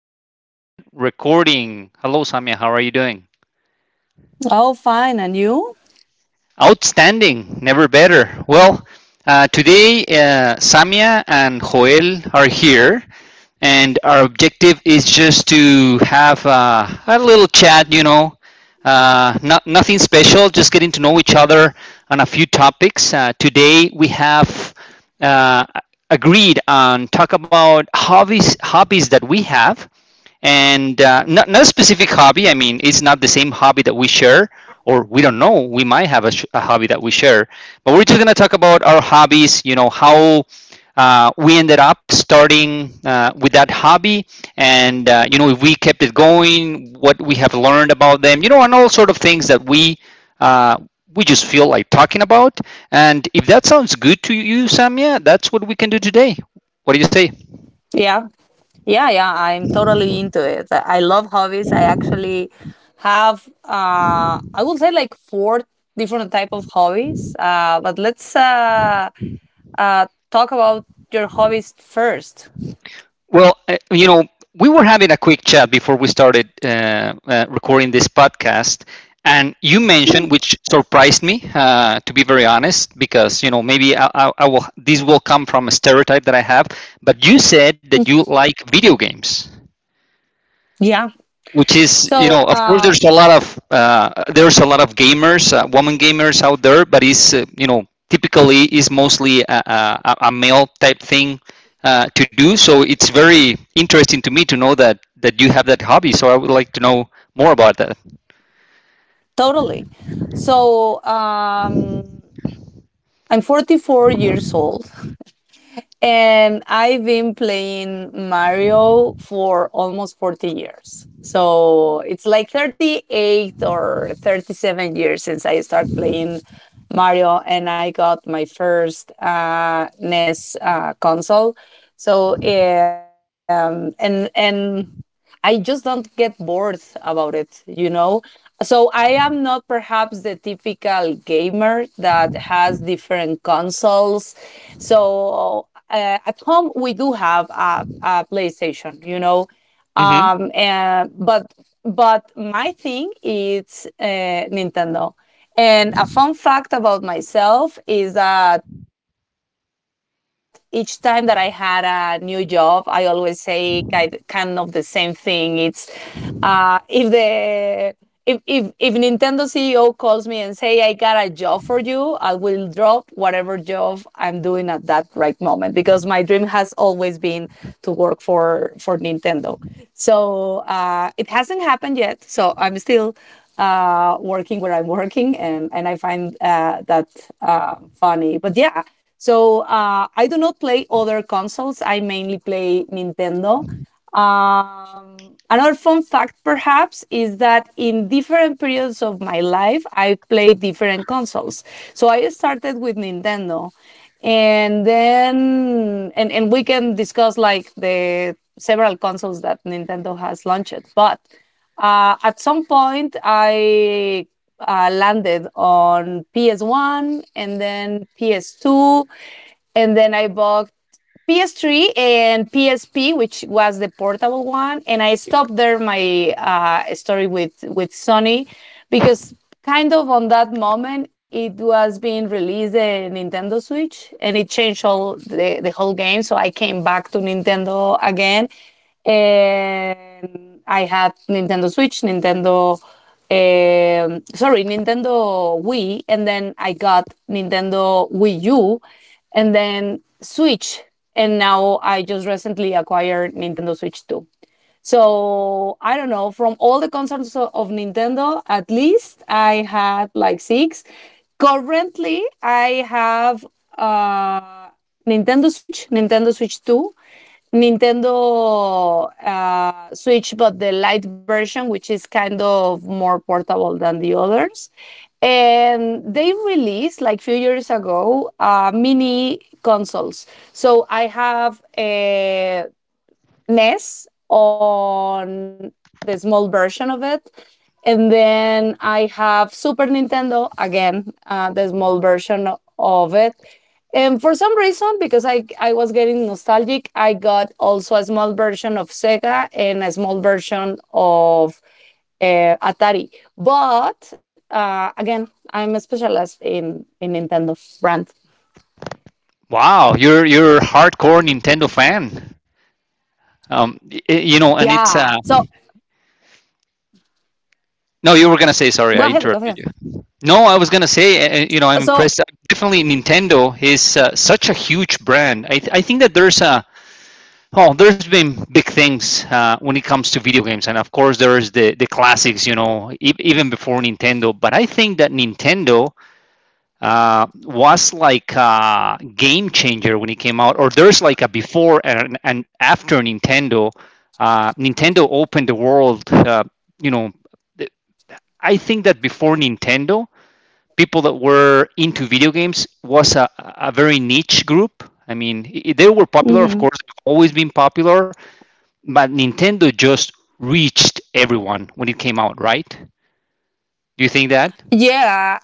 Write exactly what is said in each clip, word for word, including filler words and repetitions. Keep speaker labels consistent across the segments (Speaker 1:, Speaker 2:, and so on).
Speaker 1: live and recording. Hello, Samia. How are you doing?
Speaker 2: Oh, fine. And you?
Speaker 1: Outstanding. Never better. Well, uh, today, uh, Samia and Joel are here, and our objective is just to have uh, a little chat, you know, uh, not, nothing special, just getting to know each other on a few topics. Uh, today, we have uh, agreed on talk about hobbies hobbies that we have and uh, not, not a specific hobby. I mean, it's not the same hobby that we share, or we don't know, we might have a, sh- a hobby that we share, but we're just going to talk about our hobbies. You know, how uh, we ended up starting uh, with that hobby, and uh, you know, if we kept it going, what we have learned about them, you know and all sort of things that we uh, we just feel like talking about. And if that sounds good to you, Samia, that's what we can do today. What do you say?
Speaker 2: Yeah. Yeah, yeah. I'm totally into it. I I love hobbies. I actually have uh I would say like four different type of hobbies. Uh but let's uh uh talk about your hobbies first.
Speaker 1: Well, uh, you know, we were having a quick chat before we started uh, uh, recording this podcast, and you
Speaker 2: Mm,
Speaker 1: mentioned, which surprised me, uh, to be very honest, because you know maybe I, I, I will. This will come from a stereotype that I have, but you said that
Speaker 2: mm,
Speaker 1: you like video games,
Speaker 2: yeah.
Speaker 1: which is, you
Speaker 2: So
Speaker 1: know, of course,
Speaker 2: uh
Speaker 1: there's a lot of uh, there's a lot of gamers, uh, women gamers out there, but it's, uh, you know, typically is mostly a, a, a male type thing uh, to do. So it's very interesting to me to know that that you have that hobby, so I would like to know more about that.
Speaker 2: totally. So um I'm forty-four years old. And I've been playing Mario for almost forty years. So it's like thirty-eight or thirty-seven years since I started playing Mario and I got my first uh, N E S uh, console. So um, and and I just don't get bored about it, you know? So I am not perhaps the typical gamer that has different consoles. So uh, at home we do have a, a PlayStation, you know,
Speaker 1: Hmm.
Speaker 2: um, and but but my thing is uh, Nintendo. And a fun fact about myself is that each time that I had a new job, I always say kind kind of the same thing. It's uh, If the if, if if Nintendo C E O calls me and say I got a job for you, I will drop whatever job I'm doing at that right moment because my dream has always been to work for for Nintendo. So uh, it hasn't happened yet. So I'm still uh, working where I'm working, and and I find uh, that uh, funny. But yeah, so uh, I do not play other consoles. I mainly play Nintendo. Um, Another fun fact, perhaps, is that in different periods of my life, I played different consoles. So I started with Nintendo, and then and, and we can discuss like the several consoles that Nintendo has launched. But uh, at some point, I uh, landed on P S one and then P S two, and then I bought P S three and P S P, which was the portable one, and I stopped there my uh, story with with Sony because kind of on that moment it was being released the Nintendo Switch and it changed all the, the whole game. So I came back to Nintendo again, and I had Nintendo Switch, Nintendo um, sorry, Nintendo Wii, and then I got Nintendo Wii U, and then Switch, and now I just recently acquired Nintendo Switch two. So I don't know. From all the consoles o- of Nintendo, at least I had like six. Currently, I have uh, Nintendo Switch, Nintendo Switch Two, Nintendo uh, Switch, but the light version, which is kind of more portable than the others. And they released like few years ago uh, mini consoles. So I have a N E S on the small version of it. And then I have Super Nintendo, again, uh, the small version of it. And for some reason, because I, I was getting nostalgic, I got also a small version of Sega and a small version of uh, Atari. But uh, again, I'm specialized in, in Nintendo brand.
Speaker 1: Wow, you're you're a hardcore Nintendo fan. Um, y- you know, and it's
Speaker 2: Yeah.
Speaker 1: uh,
Speaker 2: So
Speaker 1: no, you were gonna say. Sorry,
Speaker 2: go
Speaker 1: I
Speaker 2: ahead, go
Speaker 1: interrupted
Speaker 2: ahead.
Speaker 1: you. No, I was gonna say, Uh, you know, I'm
Speaker 2: So,
Speaker 1: impressed. Uh, Definitely, Nintendo is uh, such a huge brand. I, th- I think that there's a, oh, there's been big things uh, when it comes to video games. And of course, there's the the classics. You know, e- even before Nintendo. But I think that Nintendo uh, was like a game changer when it came out, or there's like a before and and after Nintendo. Uh, Nintendo opened the world. Uh, you know I think that before Nintendo, people that were into video games was a, a very niche group. I mean, they were popular, of
Speaker 2: mhm.
Speaker 1: course, always been popular, but Nintendo just reached everyone when it came out, right? Do you think that?
Speaker 2: Yeah,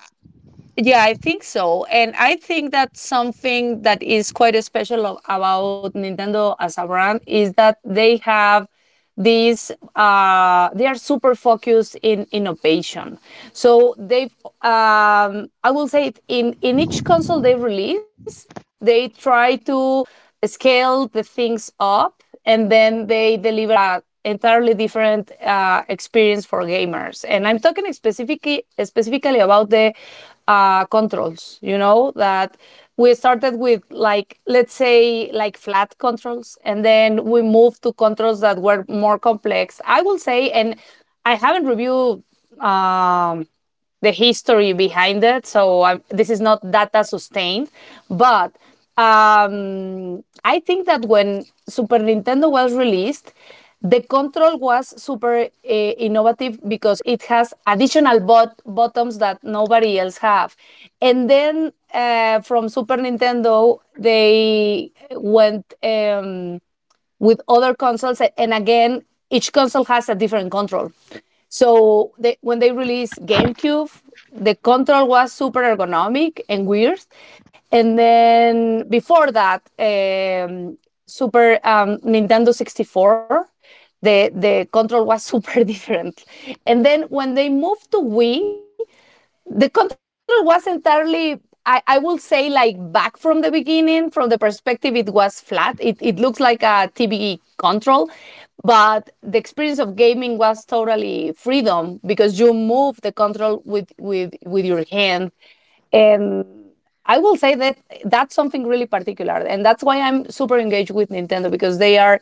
Speaker 2: yeah, I think so. And I think that something that is quite special of- about Nintendo as a brand is that they have this uh, they are super focused in innovation. So they've, um, I will say, it in in each console they release, they try to scale the things up, and then they deliver a entirely different uh, experience for gamers. And I'm talking specifically specifically about the uh, controls. You know that we started with like let's say like flat controls and then we moved to controls that were more complex. I will say. And I haven't reviewed um, the history behind it. So um, this is not data sustained, but um, I think that when Super Nintendo was released, the control was super uh, innovative because it has additional bot- buttons that nobody else have. And then uh, from Super Nintendo, they went um, with other consoles. And again, each console has a different control. So they, when they released GameCube, the control was super ergonomic and weird. And then before that, um, Super um, Nintendo sixty-four, the, the control was super different. And then when they moved to Wii, the control was entirely. I, I will say like back from the beginning. From the perspective, it was flat. It, it, looks like a tbe control, but the experience of gaming was totally freedom, because you move the control with with with your hand. And I will say that that's something really particular, and that's why I'm super engaged with Nintendo, because they are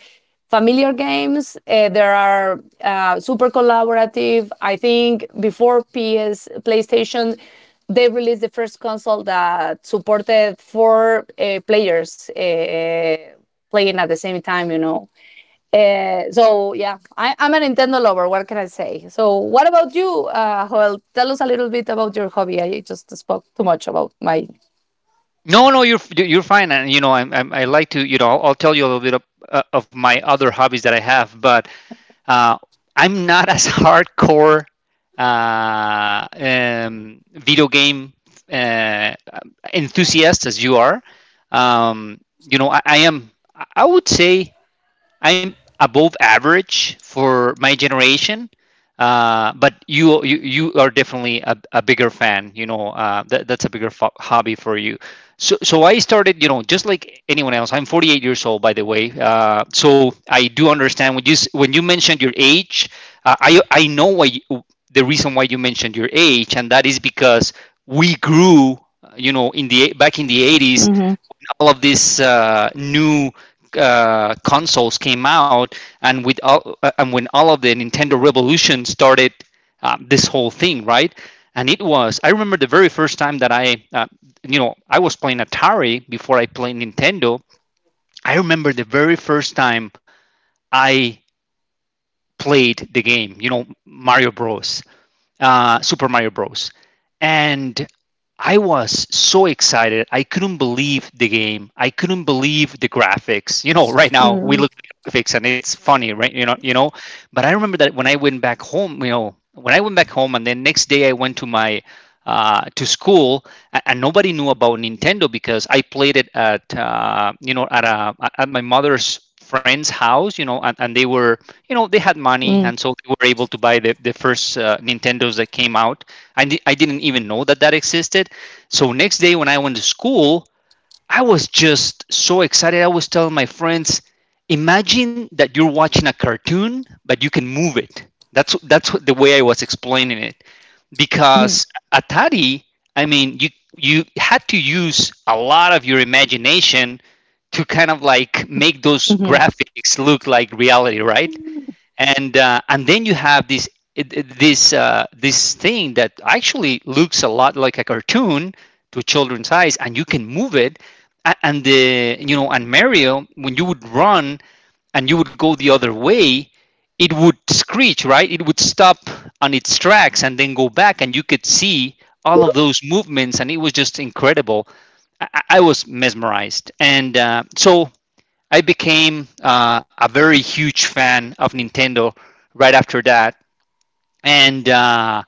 Speaker 2: familiar games. Uh, there are uh, super collaborative. I think before P S PlayStation, they released the first console that supported four uh, players uh, playing at the same time. You know. Uh, so yeah, I, I'm a Nintendo lover. What can I say? So what about you, uh, Joel? Tell us a little bit about your hobby. I just spoke too much about my.
Speaker 1: No, no, you're f- you're fine, and you know, I'm, I'm, I like to, you know, I'll, I'll tell you a little bit of, uh, of my other hobbies that I have, but uh, I'm not as hardcore uh, um, video game uh, enthusiast as you are. Um, you know, I, I am. I I would say I'm above average for my generation, uh, but you you, you are definitely a, a bigger fan. You know, uh, that, that's a bigger fo- hobby for you. So so I started, you know, just like anyone else. I'm forty-eight years old, by the way. Uh, so I do understand when you s- when you mentioned your age. Uh, I I know why you, the reason why you mentioned your age, and that is because we grew, uh, you know, in the back in the eighties.
Speaker 2: Mhm.
Speaker 1: All of these uh, new uh, consoles came out, and with all, uh, and when all of the Nintendo Revolution started, uh, this whole thing, right? And it was, I remember the very first time that I, uh, you know, I was playing Atari before I played Nintendo. I remember the very first time I played the game, you know, Mario Bros, uh, Super Mario Bros. And I was so excited. I couldn't believe the game. I couldn't believe the graphics. You know, right
Speaker 2: Mm.
Speaker 1: now we look at the graphics and it's funny, right? You know, you know. But I remember that when I went back home, you know, when I went back home, and then next day I went to my uh, to school, and nobody knew about Nintendo because I played it at, uh, you know at a at my mother's friend's house, you know, and, and they were, you know, they had money,
Speaker 2: Mm.
Speaker 1: and so they were able to buy the the first uh, Nintendos that came out. I di- I didn't even know that that existed. So next day when I went to school, I was just so excited. I was telling my friends, imagine that you're watching a cartoon, but you can move it. That's that's what, the way I was explaining it, because Atari, I mean, you you had to use a lot of your imagination to kind of like make those
Speaker 2: Mhm.
Speaker 1: graphics look like reality, right?
Speaker 2: Mhm.
Speaker 1: And uh, and then you have this this uh, this thing that actually looks a lot like a cartoon to children's eyes, and you can move it. A- and the you know and Mario, when you would run and you would go the other way, it would screech, right? It would stop on its tracks and then go back, and you could see all of those movements, and it was just incredible. I, I I was mesmerized, and uh, so I became uh, a very huge fan of Nintendo right after that. And uh,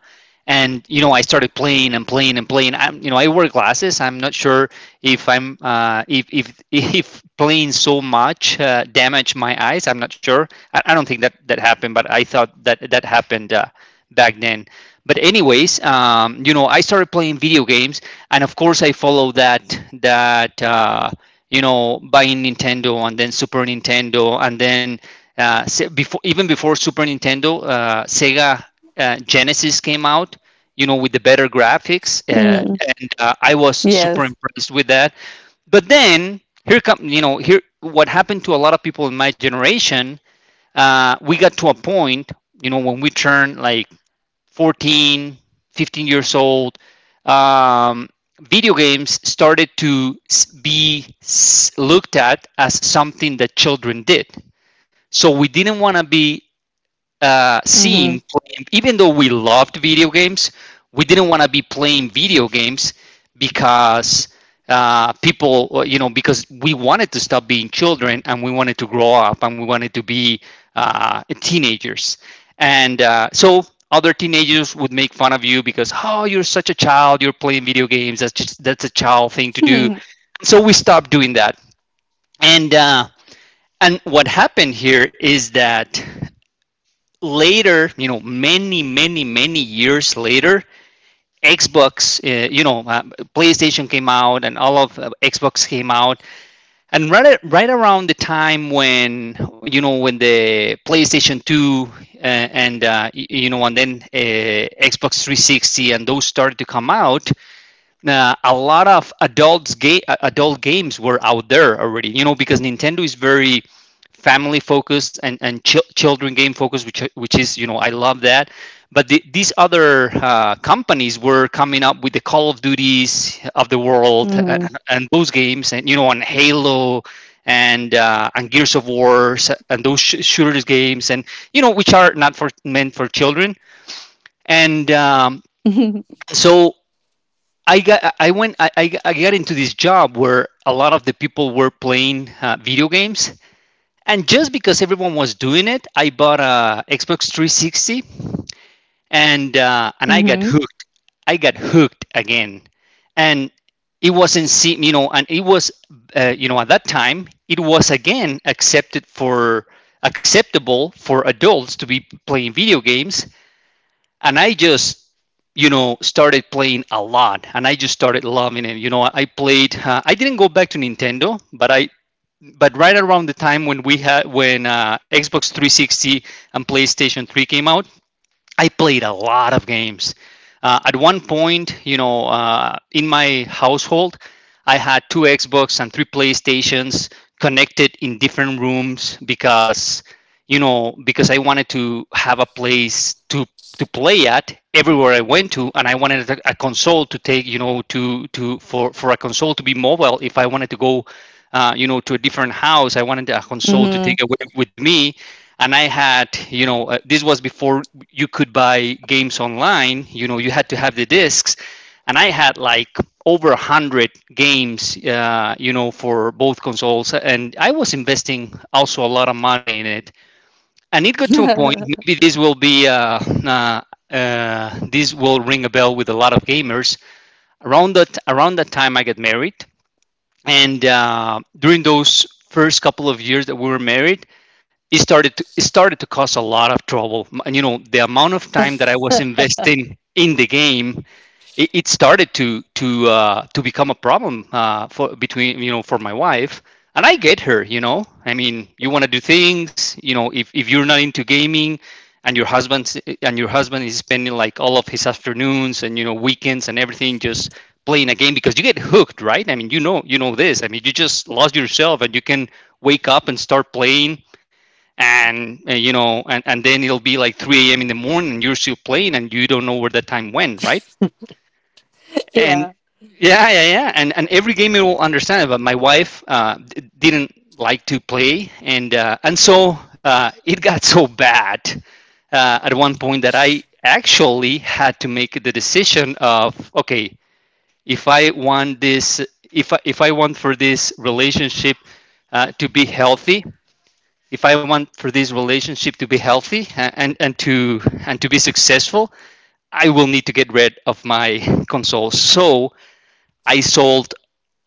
Speaker 1: and you know, I started playing and playing and playing. I'm, you know, I wear glasses. I'm not sure if I'm uh, if if if playing so much uh, damaged my eyes, I'm not sure. I, I don't think that that happened, but I thought that that happened uh, back then. But anyways, um, you know, I started playing video games, and of course, I followed that that uh, you know, buying Nintendo and then Super Nintendo, and then uh, se- before even before Super Nintendo, uh, Sega uh, Genesis came out, you know, with the better graphics, uh,
Speaker 2: Mhm.
Speaker 1: and uh, I was
Speaker 2: Yes.
Speaker 1: super impressed with that. But then here come, you know, here what happened to a lot of people in my generation. Uh, we got to a point, you know, when we turned like fourteen, fifteen years old. um, Video games started to be looked at as something that children did. So we didn't want to be uh,
Speaker 2: Mhm.
Speaker 1: seen playing, even though we loved video games, we didn't want to be playing video games because uh, people, uh, you know, because we wanted to stop being children and we wanted to grow up and we wanted to be uh, teenagers. And uh, so other teenagers would make fun of you because, oh, you're such a child, you're playing video games. That's just, that's a child thing to do. So we stopped doing that. And uh, and what happened here is that later, you know, many, many, many years later, Xbox, uh, you know, uh, PlayStation came out, and all of, uh, Xbox came out. And right, right around the time when, you know, when the PlayStation two uh, and, uh, you know, and then uh, Xbox three hundred sixty and those started to come out, uh, a lot of adults ga- uh, adult games were out there already, you know, because Nintendo is very family focused and and chil- children game focused, which which is, you know, I love that, but the, these other uh, companies were coming up with the Call of Duties of the world, and,
Speaker 2: Mhm.
Speaker 1: and those games, and you know, on Halo, and uh, and Gears of War and those sh- shooters games, and you know, which are not for, meant for children. And um, so I got I went I, I got into this job where a lot of the people were playing uh, video games, and just because everyone was doing it, I bought a Xbox three sixty, and uh, and
Speaker 2: Mhm.
Speaker 1: I got
Speaker 2: Mhm.
Speaker 1: hooked. I got hooked again, and it wasn't se- you know, and it was uh, you know, at that time it was again accepted for, acceptable for adults to be playing video games. And I just, you know, started playing a lot, and I just started loving it. You know, I played, uh, I didn't go back to Nintendo, but I but right around the time when we had when uh, Xbox three hundred sixty and PlayStation three came out, I played a lot of games. Uh, at one point, you know, uh, in my household, I had two Xbox and three PlayStations connected in different rooms because, you know, because I wanted to have a place to to play at everywhere I went to, and I wanted a, a console to take, you know, to to for for a console to be mobile. If I wanted to go, uh, you know, to a different house, I wanted a console to take away with me. And I had, you know, uh, this was before you could buy games online. You know, you had to have the discs, and I had like over a hundred games, uh, you know, for both consoles, and I was investing also a lot of money in it. And it got to a point, maybe this will be uh, uh, uh, this will ring a bell with a lot of gamers. Around that around that time I got married, and uh, during those first couple of years that we were married, it started to, it started to cause a lot of trouble. And you know, the amount of time that I was investing in the game, it, it started to to uh, to become a problem, uh, for between, you know, for my wife. And I get her, you know, I mean, you want to do things, you know. If, if you're not into gaming, and your husband's and your husband is spending like all of his afternoons and, you know, weekends and everything just playing a game, because you get hooked, right? I mean, you know, you know this, I mean, you just lost yourself, and you can wake up and start playing. And uh, you know, and, and then it'll be like three a.m. in the morning and you're still playing, and you don't know where the time went, right? And
Speaker 2: Yeah.
Speaker 1: yeah, yeah, yeah. And and every game, you will understand it. But my wife uh, d- didn't like to play. And uh, and so uh, it got so bad uh, at one point that I actually had to make the decision of, okay, if I want this, if i, if I want for this relationship uh, to be healthy, if I want for this relationship to be healthy and and to and to be successful, I will need to get rid of my console. So I sold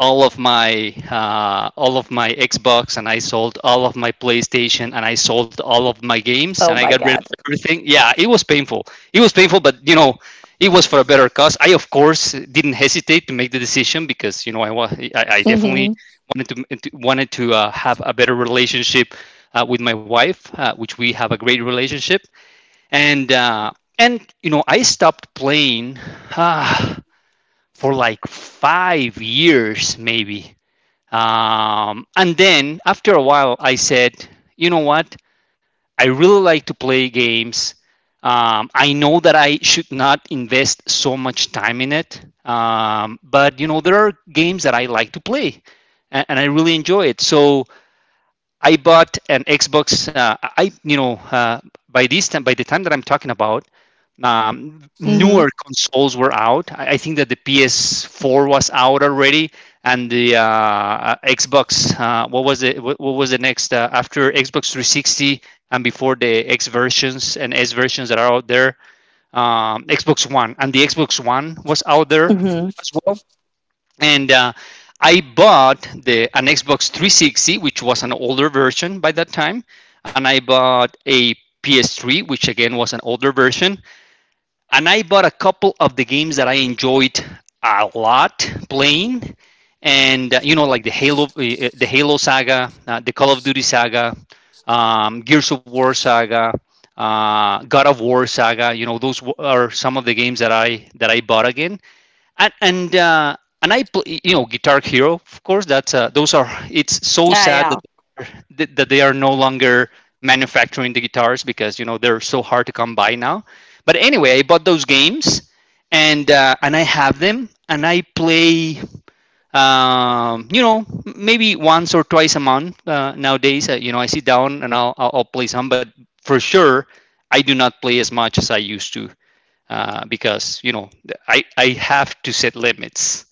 Speaker 1: all of my uh, all of my Xbox, and I sold all of my PlayStation, and I sold all of my
Speaker 2: Oh
Speaker 1: games,
Speaker 2: my
Speaker 1: and I got
Speaker 2: God.
Speaker 1: rid of everything. Yeah, it was painful. It was painful, but you know, it was for a better cause. I, of course, didn't hesitate to make the decision, because you know, I was I, I
Speaker 2: Mhm.
Speaker 1: definitely wanted to to- wanted to uh, have a better relationship uh, with my wife, uh, which we have a great relationship. And uh, and you know, I stopped playing for like five years, maybe. Um, and then after a while, I said, you know what? I really like to play games. Um, I know that I should not invest so much time in it, um, but you know, there are games that I like to play, and, and I really enjoy it. So I bought an Xbox. Uh, I you know uh, By this time, by the time that I'm talking about, um, newer
Speaker 2: Mhm.
Speaker 1: consoles were out. I, I think that the P S four was out already, and the uh, uh, Xbox. Uh, what was it? What, what was the next uh, after Xbox three sixty and before the X versions and S versions that are out there? Um, Xbox One, and the Xbox One was out there
Speaker 2: Mhm.
Speaker 1: as well. And uh, I bought the an Xbox three sixty, which was an older version by that time, and I bought a P S three, which again was an older version, and I bought a couple of the games that I enjoyed a lot playing. And uh, You know, like the Halo, uh, the Halo saga, uh, the Call of Duty saga, um, Gears of War saga, Uh, God of War saga. You know, those w- are some of the games that I that I bought again. And and uh, and I pl- you know, Guitar Hero, of course. That's uh, those are It's so
Speaker 2: Ah, yeah.
Speaker 1: sad that that that they are no longer manufacturing the guitars, because you know, they're so hard to come by now. But anyway, I bought those games, and uh, and I have them, and I play, um, you know maybe once or twice a month uh, nowadays. Uh, you know, I sit down and I'll, I'll I'll play some. But for sure, I do not play as much as I used to, uh, because you know, I I have to set limits.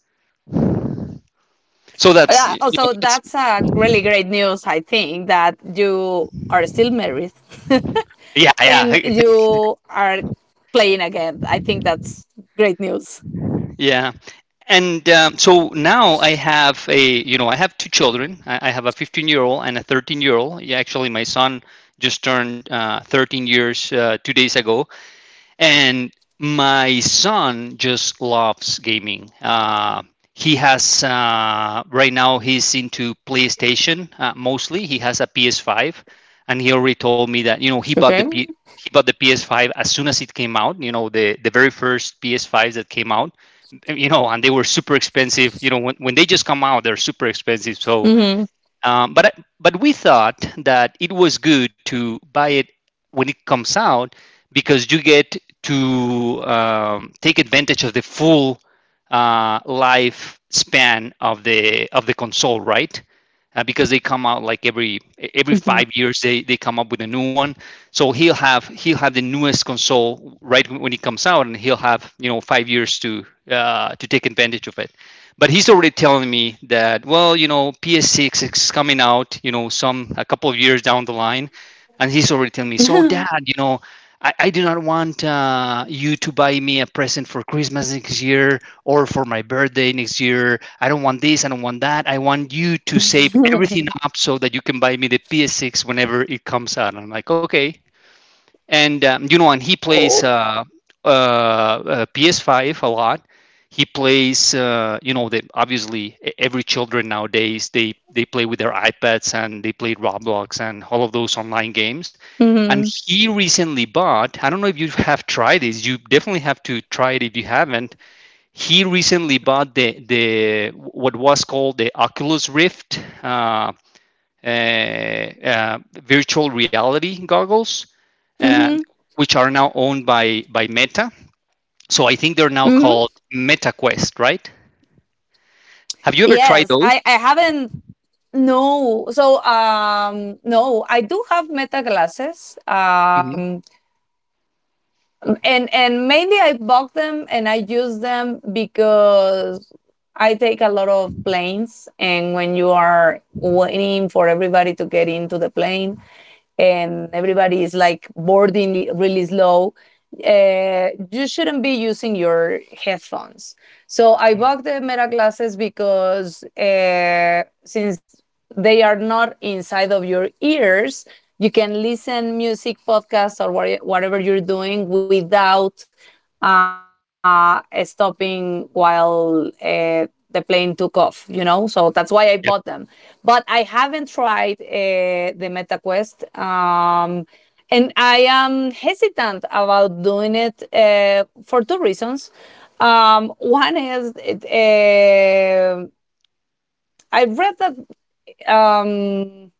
Speaker 1: So that's,
Speaker 2: Yeah.
Speaker 1: you
Speaker 2: Oh, so
Speaker 1: know, that's,
Speaker 2: that's uh, really great news. I think that you are still married,
Speaker 1: yeah, yeah,
Speaker 2: and you are playing again. I think that's great news.
Speaker 1: yeah. And um, so now I have, a you know, I have two children. I, I have a fifteen year old and a thirteen year old. Yeah, actually my son just turned uh, thirteen years uh, two days ago. And my son just loves gaming. Uh, he has uh, Right now he's into PlayStation uh, mostly. He has a P S five, and he already told me that you know, he bought
Speaker 2: Okay.
Speaker 1: the P- he bought the P S five as soon as it came out. You know, the the very first P S fives that came out. You know, and they were super expensive. You know, when, when they just come out, they're super expensive.
Speaker 2: Mhm.
Speaker 1: So um, but but we thought that it was good to buy it when it comes out, because you get to um, take advantage of the full uh, life span of the of the console, right? Uh, because they come out like every every
Speaker 2: Mhm.
Speaker 1: five years, they, they come up with a new one. So he'll have he'll have the newest console right when it comes out, and he'll have, you know, five years to uh, to take advantage of it. But he's already telling me that, well, you know, P S six is coming out, you know, some, a couple of years down the line. And he's already telling me, so Dad, you know, i, I do not want uh, you to buy me a present for Christmas next year or for my birthday next year. I don't want this, I don't want that, I want you to save everything up so that you can buy me the P S six whenever it comes out. And I'm like, okay. And um, you know, and he plays
Speaker 2: Oh.
Speaker 1: uh, uh, uh, P S five a lot. He plays, uh, you know, they, obviously e- every children nowadays, they they play with their iPads and they play Roblox and all of those online games. And
Speaker 2: Mhm.
Speaker 1: he recently bought, I don't know if you have tried this, you definitely have to try it if you haven't, he recently bought the the what was called the Oculus Rift uh, uh, uh, virtual reality goggles, uh,
Speaker 2: Mhm.
Speaker 1: which are now owned by by Meta. So I think they're now
Speaker 2: Hmm.
Speaker 1: called MetaQuest, right? Have you ever tried
Speaker 2: Yes,
Speaker 1: those?
Speaker 2: I, I haven't. No, so um, no, I do have meta glasses.
Speaker 1: Mm-hmm.
Speaker 2: Um, Um, and and mainly I bought them and I use them because I take a lot of planes, and when you are waiting for everybody to get into the plane, and everybody is like boarding li- really slow, uh, you shouldn't be using your headphones. So I bought the Meta glasses because uh, since they are not inside of your ears, you can listen music, podcasts or whatever you're doing without uh, stopping while uh, the plane took off, you know. So that's why I bought them,
Speaker 1: Yep.
Speaker 2: but I haven't tried uh, the metaquest um, and I am hesitant about doing it uh, for two reasons. um, one is it, uh, I read that um,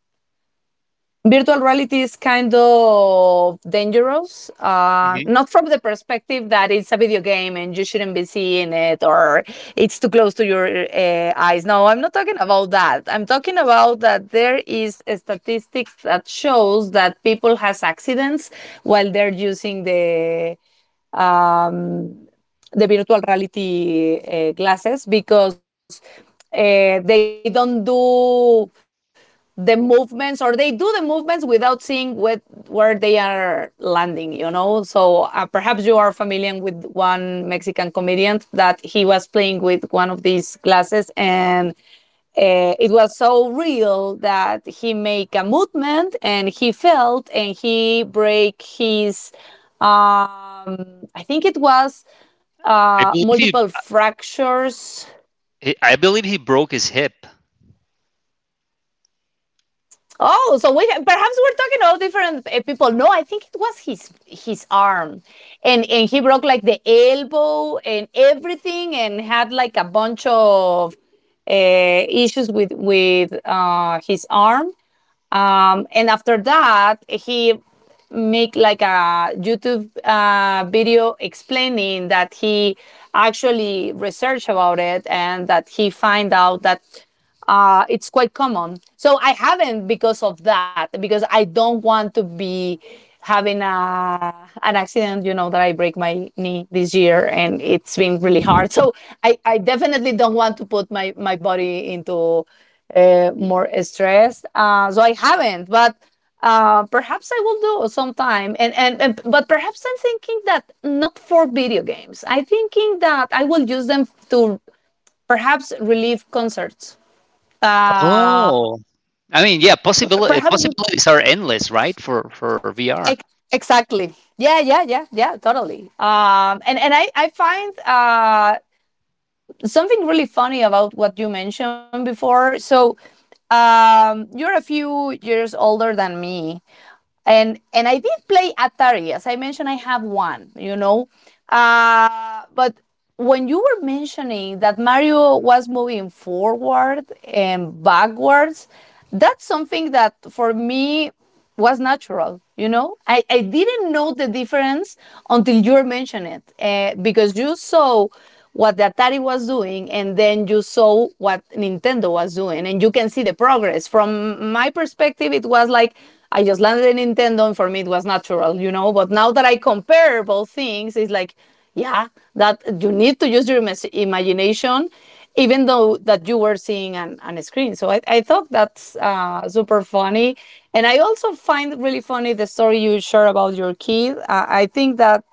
Speaker 2: virtual reality is kind of dangerous. Uh,
Speaker 1: Hmm.
Speaker 2: not from the perspective that it's a video game and you shouldn't be seeing it or it's too close to your uh, eyes. No, I'm not talking about that. I'm talking about that there is a statistics that shows that people has accidents while they're using the um, the virtual reality uh, glasses, because uh, they don't do the movements, or they do the movements without seeing what, where they are landing, you know. So uh, perhaps you are familiar with one mexican comedian that he was playing with one of these glasses, and uh, it was so real that he make a movement and he felt and he break his um, I think it was
Speaker 1: I
Speaker 2: uh,
Speaker 1: believe he,
Speaker 2: multiple fractures.
Speaker 1: I believe he broke his hip.
Speaker 2: Oh, so we perhaps we're talking all different uh, people. No, I think it was his his arm, and and he broke like the elbow and everything, and had like a bunch of uh, issues with with uh, his arm. Um, and after that, he make like a YouTube uh, video explaining that he actually researched about it and that he find out that uh, it's quite common. So I haven't because of that, because I don't want to be having a an accident, you know, that I break my knee this year, and it's been really hard. So i, I definitely don't want to put my, my body into uh, more stress, uh, so I haven't. But uh, perhaps I will do sometime. And, and, and but perhaps I'm thinking that not for video games. I'm thinking that I will use them to perhaps relieve concerts. Uh,
Speaker 1: Oh. I mean, yeah, possibility
Speaker 2: perhaps
Speaker 1: possibilities are endless, right? For for V R.
Speaker 2: Ex- exactly. Yeah, yeah, yeah, yeah, totally. Um, and and I I find uh, something really funny about what you mentioned before. So, um, you're a few years older than me, and and I did play Atari. As I mentioned, I have one, you know. Uh, but when you were mentioning that Mario was moving forward and backwards, that's something that for me was natural, you know. I, I didn't know the difference until you mentioned it uh, because you saw what the Atari was doing, and then you saw what Nintendo was doing, and you can see the progress. From my perspective, it was like I just landed at Nintendo, and for me, it was natural, you know. But now that I compare both things, it's like, yeah, that you need to use your imagination, even though that you were seeing on, on a screen. So I, I thought that's uh, super funny. And I also find really funny the story you share about your kid. Uh, I think that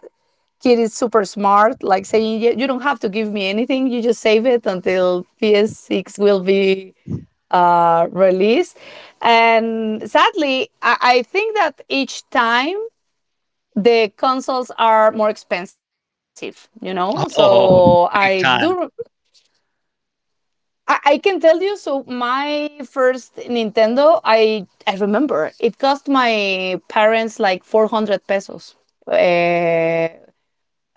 Speaker 2: kid is super smart, like saying, "Yeah, you don't have to give me anything. You just save it until P S six will be uh, released." And sadly, I-, I think that each time the consoles are more expensive, you know? So
Speaker 1: Oh,
Speaker 2: I
Speaker 1: big
Speaker 2: do.
Speaker 1: time.
Speaker 2: I, I can tell you. So my first Nintendo, I I remember it cost my parents like four hundred pesos. Uh,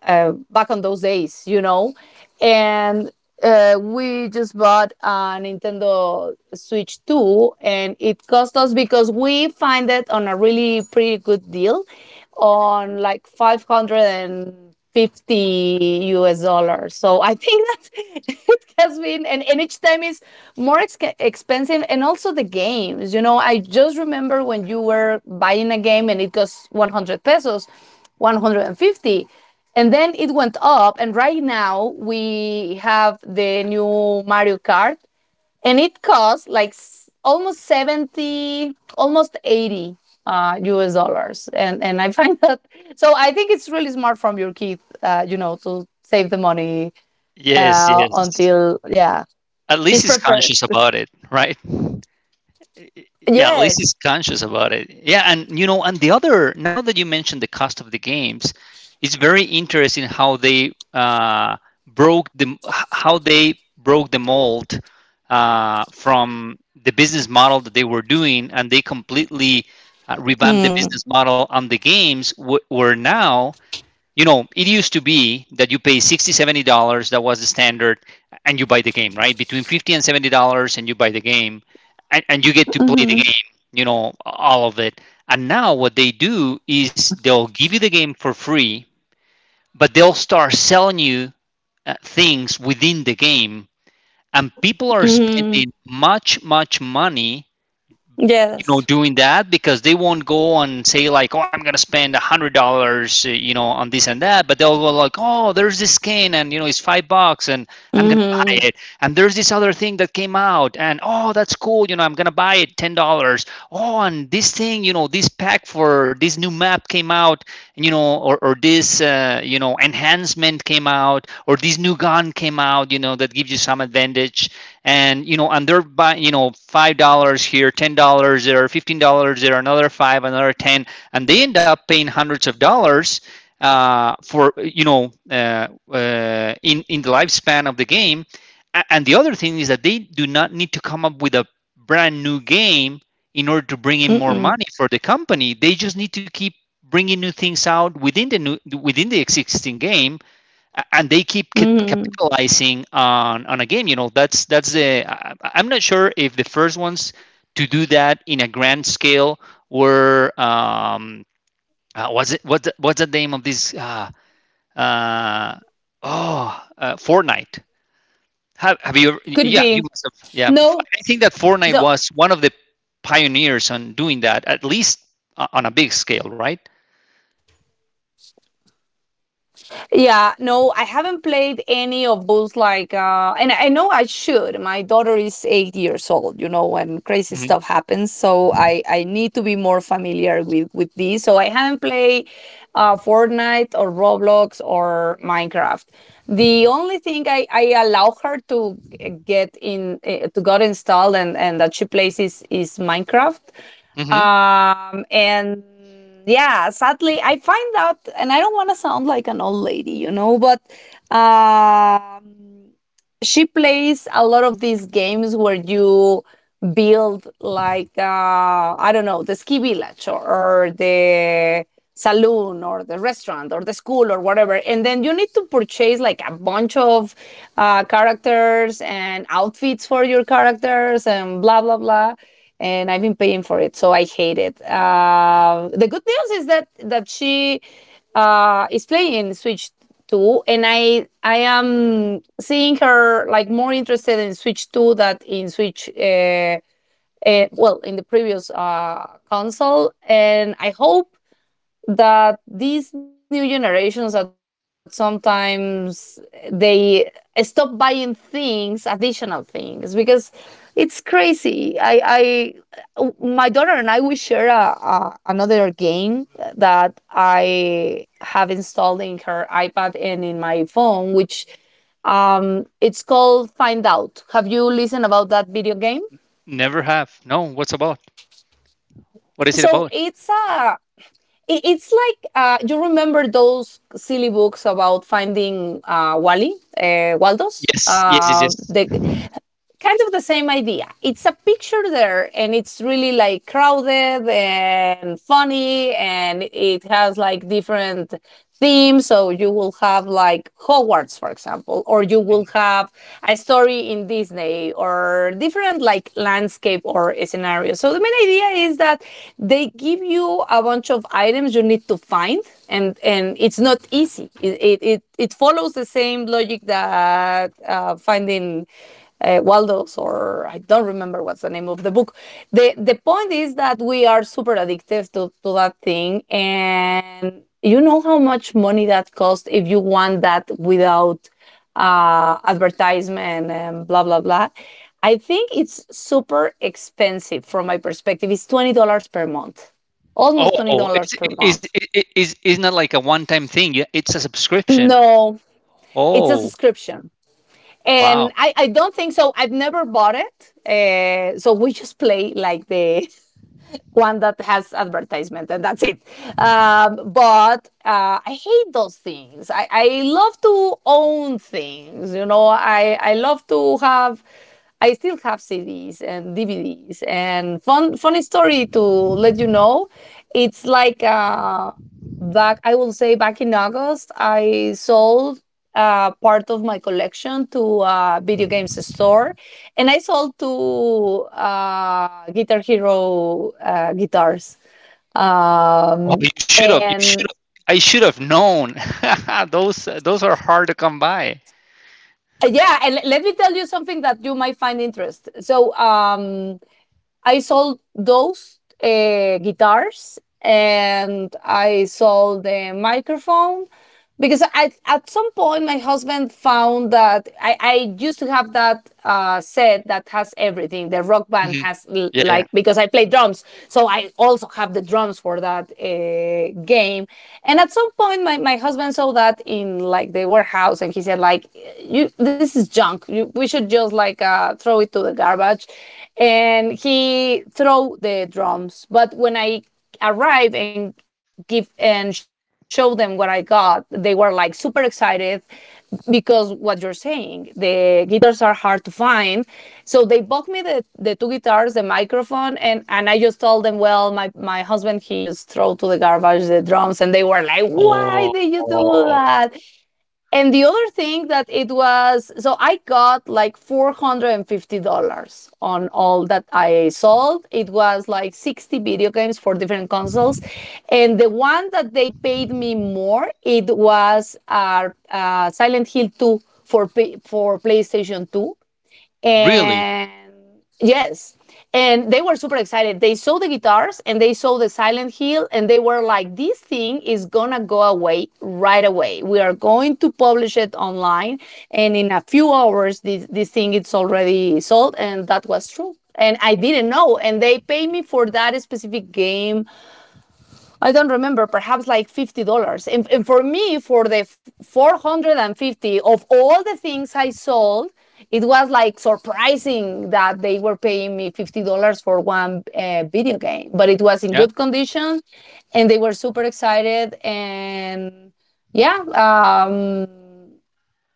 Speaker 2: uh, Back on those days, you know. And uh, we just bought a Nintendo Switch two, and it cost us because we find it on a really pretty good deal
Speaker 1: Mhm.
Speaker 2: on like five hundred fifty U S dollars. So I think that it has been, and, and each time is more ex- expensive, and also the games. You know, I just remember when you were buying a game and it cost one hundred pesos, one hundred fifty, and then it went up, and right now we have the new Mario Kart, and it costs like s- almost seventy, almost eighty uh, U S dollars. And, and I find that, so I think it's really smart from your kid, uh, you know, to save the money
Speaker 1: Yes,
Speaker 2: uh,
Speaker 1: yes.
Speaker 2: until, yeah,
Speaker 1: At least
Speaker 2: he's
Speaker 1: he's
Speaker 2: prepared.
Speaker 1: conscious about it, right? Yeah, at least he's
Speaker 2: Yes.
Speaker 1: conscious about it, yeah. And you know, and the other, now that you mentioned the cost of the games, it's very interesting how they uh, broke the h- how they broke the mold uh, from the business model that they were doing, and they completely uh, revamped the business
Speaker 2: Mm.
Speaker 1: model on the games wh- where now, you know, it used to be that you pay sixty, seventy dollars. That was the standard. And you buy the game, right, between fifty and seventy dollars, and you buy the game, and, and you get to play the
Speaker 2: Mm-hmm.
Speaker 1: game, you know, all of it. And now what they do is they'll give you the game for free, but they'll start selling you uh, things within the game. And people are
Speaker 2: Mm.
Speaker 1: spending much much money,
Speaker 2: Yes.
Speaker 1: you know, doing that, because they won't go and say like, oh, I'm gonna spend a hundred dollars, uh, you know, on this and that. But they'll go like, oh, there's this skin, and you know, it's five bucks, and I'm gonna
Speaker 2: Mm-hmm.
Speaker 1: buy it. And there's this other thing that came out, and oh, that's cool, you know, I'm gonna buy it, ten dollars. Oh, and this thing, you know, this pack for this new map came out, you know, or or this, uh, you know, enhancement came out, or this new gun came out, you know, that gives you some advantage. And you know, and they're buying, you know, five dollars here, ten dollars there, fifteen dollars there, another five, another ten. And they end up paying hundreds of dollars uh, for, you know, uh, uh, in in the lifespan of the game. And the other thing is that they do not need to come up with a brand new game in order to bring in more
Speaker 2: Mm.
Speaker 1: money for the company. They just need to keep bringing new things out within the new, within the existing game, and they keep
Speaker 2: Mm-hmm.
Speaker 1: capitalizing on on a game. You know, that's that's the. I, am not sure if the first ones to do that in a grand scale were um, uh, was it, what what's the name of this uh, uh, oh uh, Fortnite. Have, have you ever,
Speaker 2: Could
Speaker 1: yeah, you
Speaker 2: be.
Speaker 1: must have. Yeah,
Speaker 2: No.
Speaker 1: I think that Fortnite
Speaker 2: So
Speaker 1: was one of the pioneers on doing that, at least uh, on a big scale, right?
Speaker 2: Yeah, no, I haven't played any of those like uh and I know I should. My daughter is eight years old, you know, and crazy stuff happens, so I I need to be more familiar with with these. So I haven't played uh, Fortnite or Roblox or Minecraft. The only thing I, I allow her to get in eh, to got installed and, and that she plays is, is Minecraft.
Speaker 1: Hmm.
Speaker 2: Um, and yeah, sadly, I find out, and I don't want to sound like an old lady, you know, but um, she plays a lot of these games where you build like uh, I don't know, the ski village, or or the saloon or the restaurant or the school or whatever. And then you need to purchase like a bunch of uh, characters and outfits for your characters and blah blah blah. And I've been paying for it, so I hate it. Uh, the good news is that that she uh, is playing Switch two, and i i am seeing her like more interested in Switch two than in Switch uh, uh, well, in the previous uh, console. And I hope that these new generations, that sometimes they stop buying things, additional things, because it's crazy. I i, my daughter and I, we share a, a, another game that I have installed in her iPad and in my phone, which um it's called Find Out. Have you listened about that video game?
Speaker 1: Never have. No, what's about? What is it
Speaker 2: so
Speaker 1: about?
Speaker 2: it's a It, it's like uh, you remember those silly books about finding uh, Wally, uh, Waldos,
Speaker 1: Yes, yes, yes,
Speaker 2: uh, the
Speaker 1: yes.
Speaker 2: kind of the same idea. It's a picture there and it's really like crowded and funny and it has like different themes. So you will have like Hogwarts, for example, or you will have a story in Disney or different like landscape or scenarios. So the main idea is that they give you a bunch of items you need to find, and, and it's not easy. It, it, it, it follows the same logic that uh, finding uh, Waldo's, or I don't remember what's the name of the book. the The point is that we are super addicted to, to that thing, and you know how much money that costs if you want that without uh, advertisement and blah blah blah. I think it's super expensive. From my perspective, it's twenty dollars per month, almost twenty
Speaker 1: Oh, it's
Speaker 2: dollars per
Speaker 1: is
Speaker 2: month.
Speaker 1: is is is not like a one-time thing. Yeah, it's a subscription.
Speaker 2: No, it's a
Speaker 1: Oh,
Speaker 2: subscription.
Speaker 1: wow.
Speaker 2: And I, I don't think so. I've never bought it. Uh, so we just play like the one that has advertisement and that's it. Um, but uh, I hate those things. I, I love to own things. You know, I, I love to have, I still have C Ds and D V Ds. And fun, funny story to let you know, it's like, uh, back I will say back in August I sold uh, part of my collection to a video games store, and I sold two uh, Guitar Hero uh, guitars.
Speaker 1: Oh,
Speaker 2: Um,
Speaker 1: you should have. You should have.
Speaker 2: and
Speaker 1: I should have known. Those those are hard to come by.
Speaker 2: uh, Yeah, and let me tell you something that you might find interest. So um, I sold those uh, guitars and I sold the microphone because I, at some point my husband found that I, I used to have that uh, set that has everything. The Rock Band
Speaker 1: Mhm.
Speaker 2: has l-
Speaker 1: Yeah.
Speaker 2: like, because I play drums, so I also have the drums for that uh, game. And at some point, my, my husband saw that in like the warehouse, and he said like, "You, this is junk. You, we should just like uh, throw it to the garbage." And he threw the drums. But when I arrive and give and show them what I got, they were like super excited because what you're saying, the guitars are hard to find. So they bought me the, the two guitars, the microphone, and, and I just told them, well, my, my husband, he just threw to the garbage the drums. And they were like,
Speaker 1: Oh,
Speaker 2: why did you do that? And the other thing that it was, so I got like four hundred fifty dollars on all that I sold. It was like sixty video games for different consoles. And the one that they paid me more, it was uh, uh, Silent Hill two for, for PlayStation two.
Speaker 1: really?
Speaker 2: And yes, and they were super excited. They saw the guitars and they saw the Silent Hill, and they were like, this thing is gonna go away right away. We are going to publish it online, and in a few hours, this, this thing is already sold. And that was true. And I didn't know. And they paid me for that specific game, I don't remember, perhaps like fifty dollars. And, and for me, for the four hundred fifty of all the things I sold, it was like surprising that they were paying me fifty dollars for one uh, video game, but it was in
Speaker 1: Yeah.
Speaker 2: good condition and they were super excited. And yeah, um,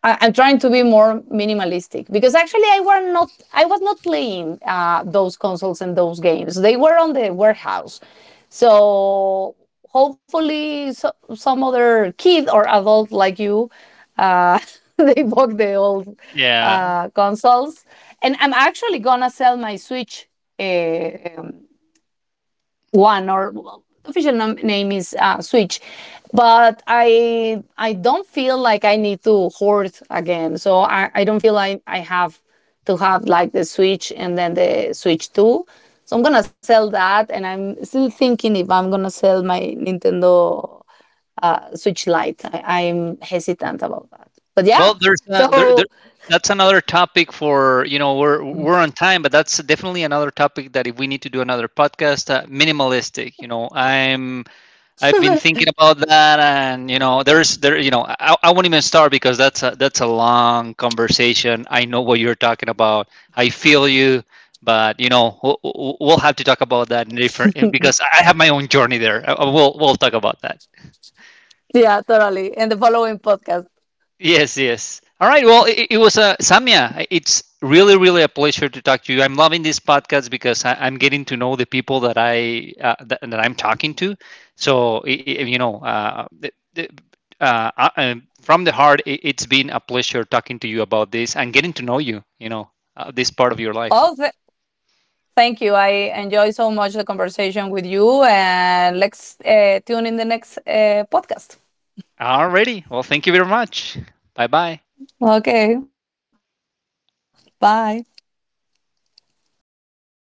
Speaker 2: I, I'm trying to be more minimalistic because actually I were not I was not playing uh, those consoles and those games. They were on the warehouse, so hopefully, so, some other kid or adult like you, uh, they bought the old
Speaker 1: Yeah.
Speaker 2: uh, consoles, and I'm actually gonna sell my Switch. eh, um, One, or the official nom- name, is uh, Switch. But I I don't feel like I need to hoard again. So I, I don't feel like I have to have like the Switch and then the Switch two. So I'm gonna sell that and I'm still thinking if I'm gonna sell my Nintendo uh, Switch Lite. I, I'm hesitant about that. But
Speaker 1: Well,
Speaker 2: yeah.
Speaker 1: there's a, there, there,
Speaker 2: So
Speaker 1: that's another topic. For, you know, we're we're on time, but that's definitely another topic that if we need to do another podcast, uh, minimalistic. You know, I'm, I've been thinking about that, and you know, there's there you know, I, I won't even start because that's a that's a long conversation. I know what you're talking about. I feel you, but you know, we'll, we'll we'll have to talk about that in different, because I have my own journey there. Uh, We'll we'll talk about that.
Speaker 2: yeah, totally. And the following podcast.
Speaker 1: Yes, yes. All right. Well, it, it was a Samia. It's really, really a pleasure to talk to you. I'm loving this podcast because I, I'm getting to know the people that I uh, that, that I'm talking to. So i- i- you know, uh, the, the, uh, I, I'm, from the heart, it, it's been a pleasure talking to you about this and getting to know you. You know, uh, this part of your life.
Speaker 2: All, th- Thank you. I enjoy so much the conversation with you, and let's uh, tune in the next uh, podcast.
Speaker 1: Alrighty. Well, thank you very much. Bye bye.
Speaker 2: Okay, bye.